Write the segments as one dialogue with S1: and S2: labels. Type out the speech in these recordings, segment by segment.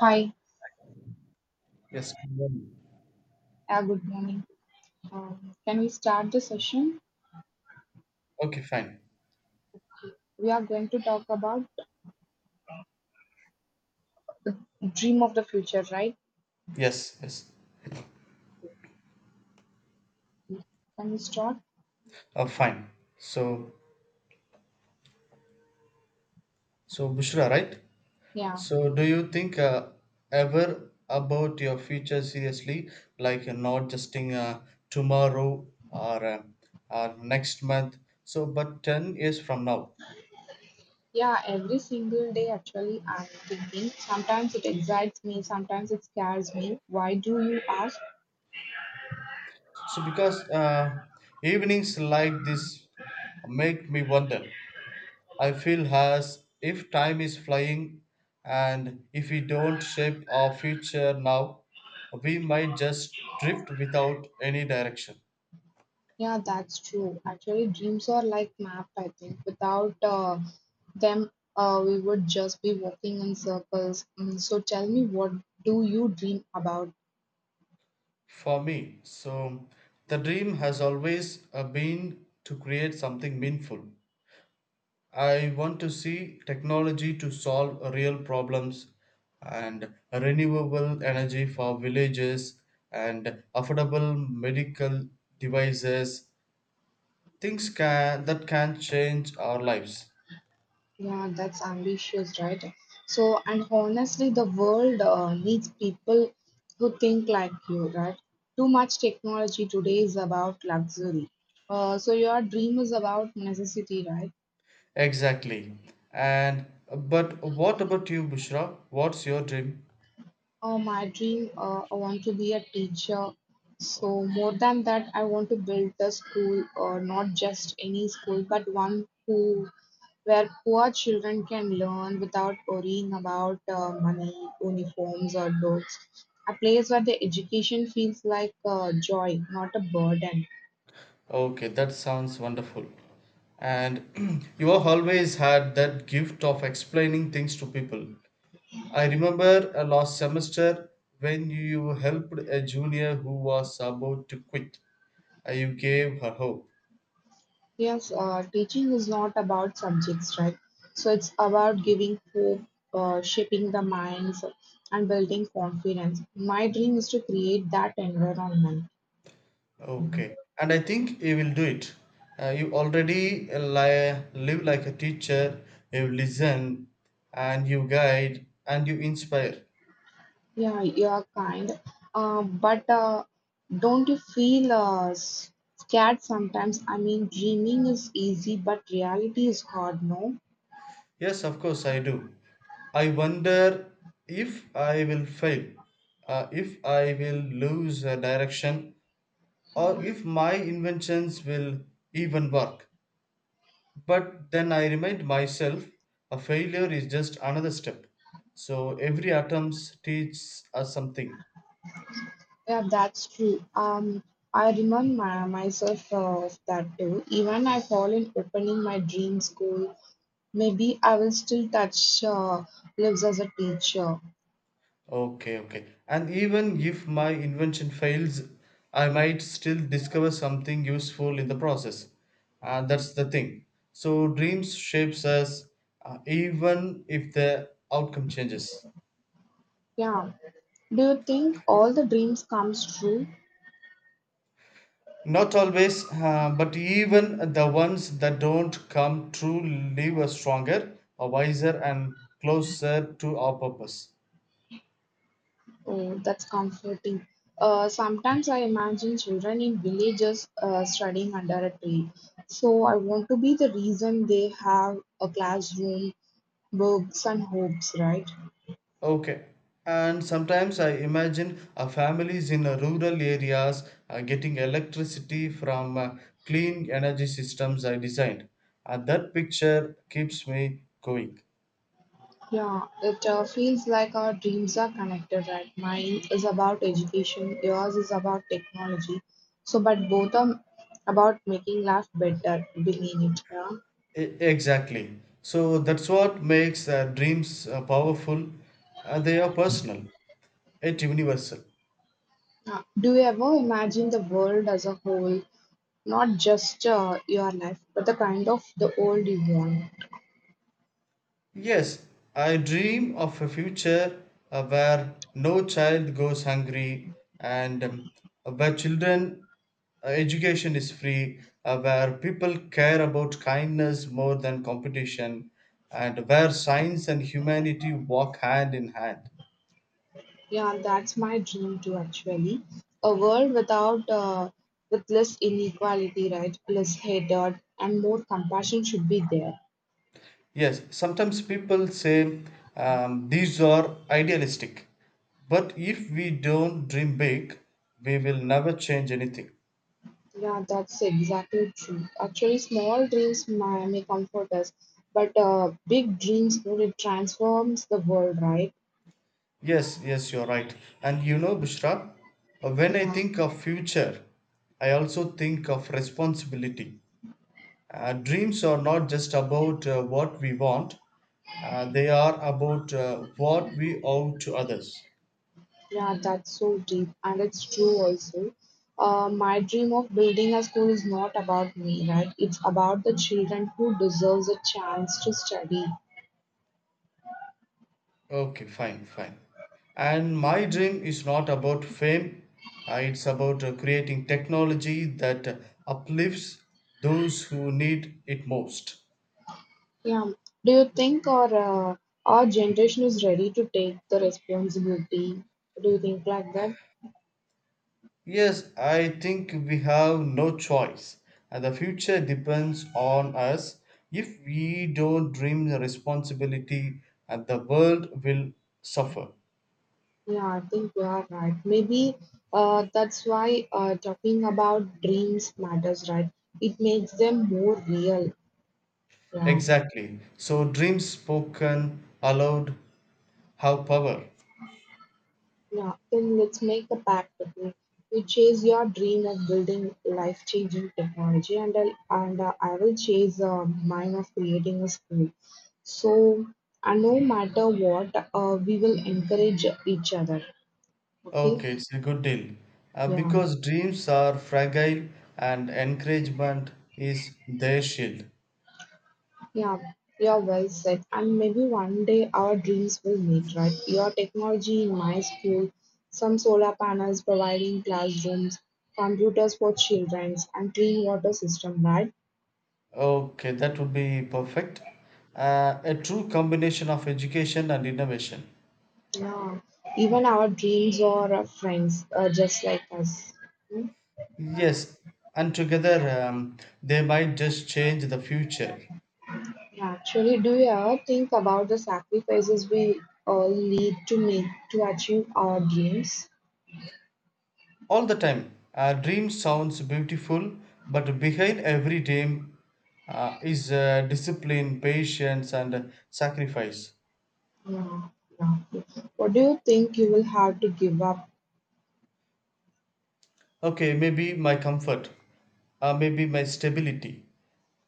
S1: Hi,
S2: Yes.
S1: good morning. Can we start the session?
S2: Okay, fine.
S1: We are going to talk about dream of the future, right?
S2: Yes, yes.
S1: Can we start?
S2: Fine. So, so, Bushra, right?
S1: Yeah.
S2: So, do you think ever about your future seriously, like not just in tomorrow or or next month? So, but 10 years from now.
S1: Yeah, every single day actually I'm thinking. Sometimes it excites me, sometimes it scares me. Why do you ask?
S2: Because evenings like this make me wonder. I feel as if time is flying, and if we don't shape our future now, we might just drift without any direction.
S1: Yeah, that's true. Actually, dreams are like map, I think. Without them, we would just be walking in circles. Mm, so tell me, what do you dream about?
S2: For me, so the dream has always been to create something meaningful. I want to see technology to solve real problems, and renewable energy for villages, and affordable medical devices, things can that can change our lives
S1: Yeah, that's ambitious, right? So, and honestly, the world needs people who think like you, right? Too much technology today is about luxury. So, your dream is about necessity, right?
S2: exactly. And but what about you, Bushra, what's your dream?
S1: Oh, my dream, I want to be a teacher. So, more than that, I want to build a school, or not just any school, but one who where poor children can learn without worrying about money, uniforms, or books. A place where the education feels like joy, not a burden.
S2: Okay, that sounds wonderful. And you have always had that gift of explaining things to people. I remember last semester when you helped a junior who was about to quit. You gave her hope.
S1: Yes, teaching is not about subjects, right? So it's about giving hope, shaping the minds, and building confidence. My dream is to create that environment.
S2: Okay, and I think you will do it. You already live like a teacher, you listen and you guide and you inspire.
S1: Yeah, you are kind, but don't you feel scared sometimes? I mean, dreaming is easy, but reality is hard, no?
S2: Yes, of course, I do. I wonder if I will fail, if I will lose a direction, or if my inventions will even work. But then I remind myself a failure is just another step. So every attempt teaches us something.
S1: Yeah, that's true. I remind myself of that too. Even I fall in opening my dream school, maybe I will still touch lives as a teacher.
S2: Okay, okay. And even if my invention fails, I might still discover something useful in the process. That's the thing. So dreams shapes us, even if the outcome changes.
S1: Yeah. Do you think all the dreams comes true?
S2: Not always, but even the ones that don't come true leave us stronger, wiser, and closer to our purpose.
S1: Oh, that's comforting. Sometimes I imagine children in villages studying under a tree. So I want to be the reason they have a classroom, books, and hopes, right?
S2: Okay. And sometimes I imagine families in rural areas getting electricity from clean energy systems I designed. That picture keeps me going.
S1: Yeah, it feels like our dreams are connected, right? Mine is about education, yours is about technology. So, but both are about making life better, believe it. Yeah?
S2: Exactly. So that's what makes dreams powerful. They are personal, yet universal.
S1: Yeah. Do you ever imagine the world as a whole, not just your life, but the kind of the world you want?
S2: Yes, I dream of a future where no child goes hungry, and where children education is free, where people care about kindness more than competition, and where science and humanity walk hand in hand.
S1: Yeah, that's my dream too, actually. A world without, with less inequality, right? Less hatred, and more compassion should be there.
S2: Yes, sometimes people say these are idealistic, but if we don't dream big, we will never change anything.
S1: Yeah, that's exactly true. Actually, small dreams may comfort us, but big dreams really transforms the world, right?
S2: Yes, yes, you're right. And you know, Bushra, when I
S1: Yeah,
S2: think of future, I also think of responsibility. Dreams are not just about what we want, they are about what we owe to others.
S1: yeah, that's so deep, and it's true also. My dream of building a school is not about me, right? It's about the children who deserves a chance to study.
S2: Okay, fine, fine. And my dream is not about fame, it's about creating technology that uplifts those who need it most.
S1: Yeah. Do you think uh, our generation is ready to take the responsibility? Do you think like that?
S2: Yes, I think we have no choice. And the future depends on us. If we don't dream the responsibility, and the world will suffer.
S1: Yeah, I think you are right. Maybe that's why talking about dreams matters, right? It makes them more real. Yeah,
S2: Exactly. So dreams spoken aloud have power.
S1: yeah. Then let's make a pact with me. You chase your dream of building life-changing technology, and I will chase mine of creating a school. So, and no matter what, we will encourage each other. Okay?
S2: Okay, it's a good deal.
S1: Yeah.
S2: Because dreams are fragile and encouragement is their shield.
S1: Yeah, you're well said. And maybe one day our dreams will meet, right? Your technology in my school, some solar panels providing classrooms, computers for children, and clean water system, right?
S2: Okay, that would be perfect. A true combination of education and innovation.
S1: Yeah. Even our dreams or our friends are just like us. Hmm?
S2: Yes, and together they might just change the future.
S1: Yeah, actually, do you ever think about the sacrifices we all need to make to achieve our dreams?
S2: All the time, a dream sounds beautiful, but behind every dream is discipline, patience, and sacrifice.
S1: Yeah, yeah. What do you think you will have to give up?
S2: Okay, maybe my comfort, maybe my stability.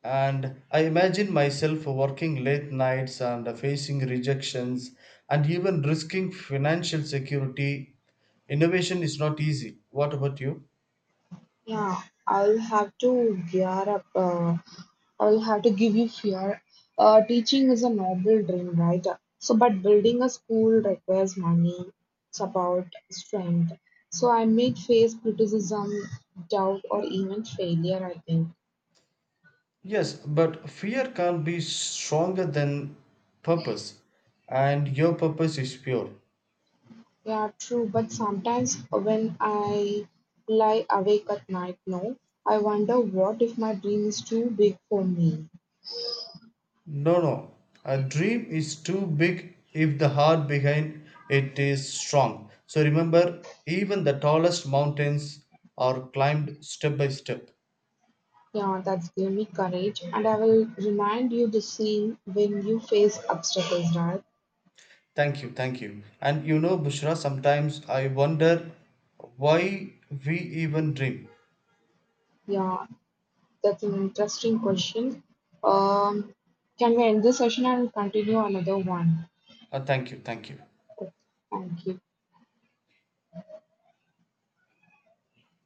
S2: And I imagine myself working late nights and facing rejections and even risking financial security. Innovation is not easy. What about you?
S1: Yeah, I'll have to gear up. I'll have to give you fear. Teaching is a noble dream, right? So, but building a school requires money, support, strength. So, I may face criticism, doubt, or even failure, I think.
S2: Yes, but fear can't be stronger than purpose, and your purpose is pure.
S1: Yeah, true. But sometimes when I lie awake at night, no, I wonder what if my dream is too big for me.
S2: No, no, a dream is too big if the heart behind it is strong. So remember, even the tallest mountains are climbed step by step.
S1: Yeah, that's gave me courage, and I will remind you the scene when you face obstacles, right?
S2: Thank you, thank you. And you know, Bushra, sometimes I wonder why we even dream.
S1: Yeah, that's an interesting question. Um, can we end this session and continue another one?
S2: Thank you, thank you.
S1: Okay, thank you.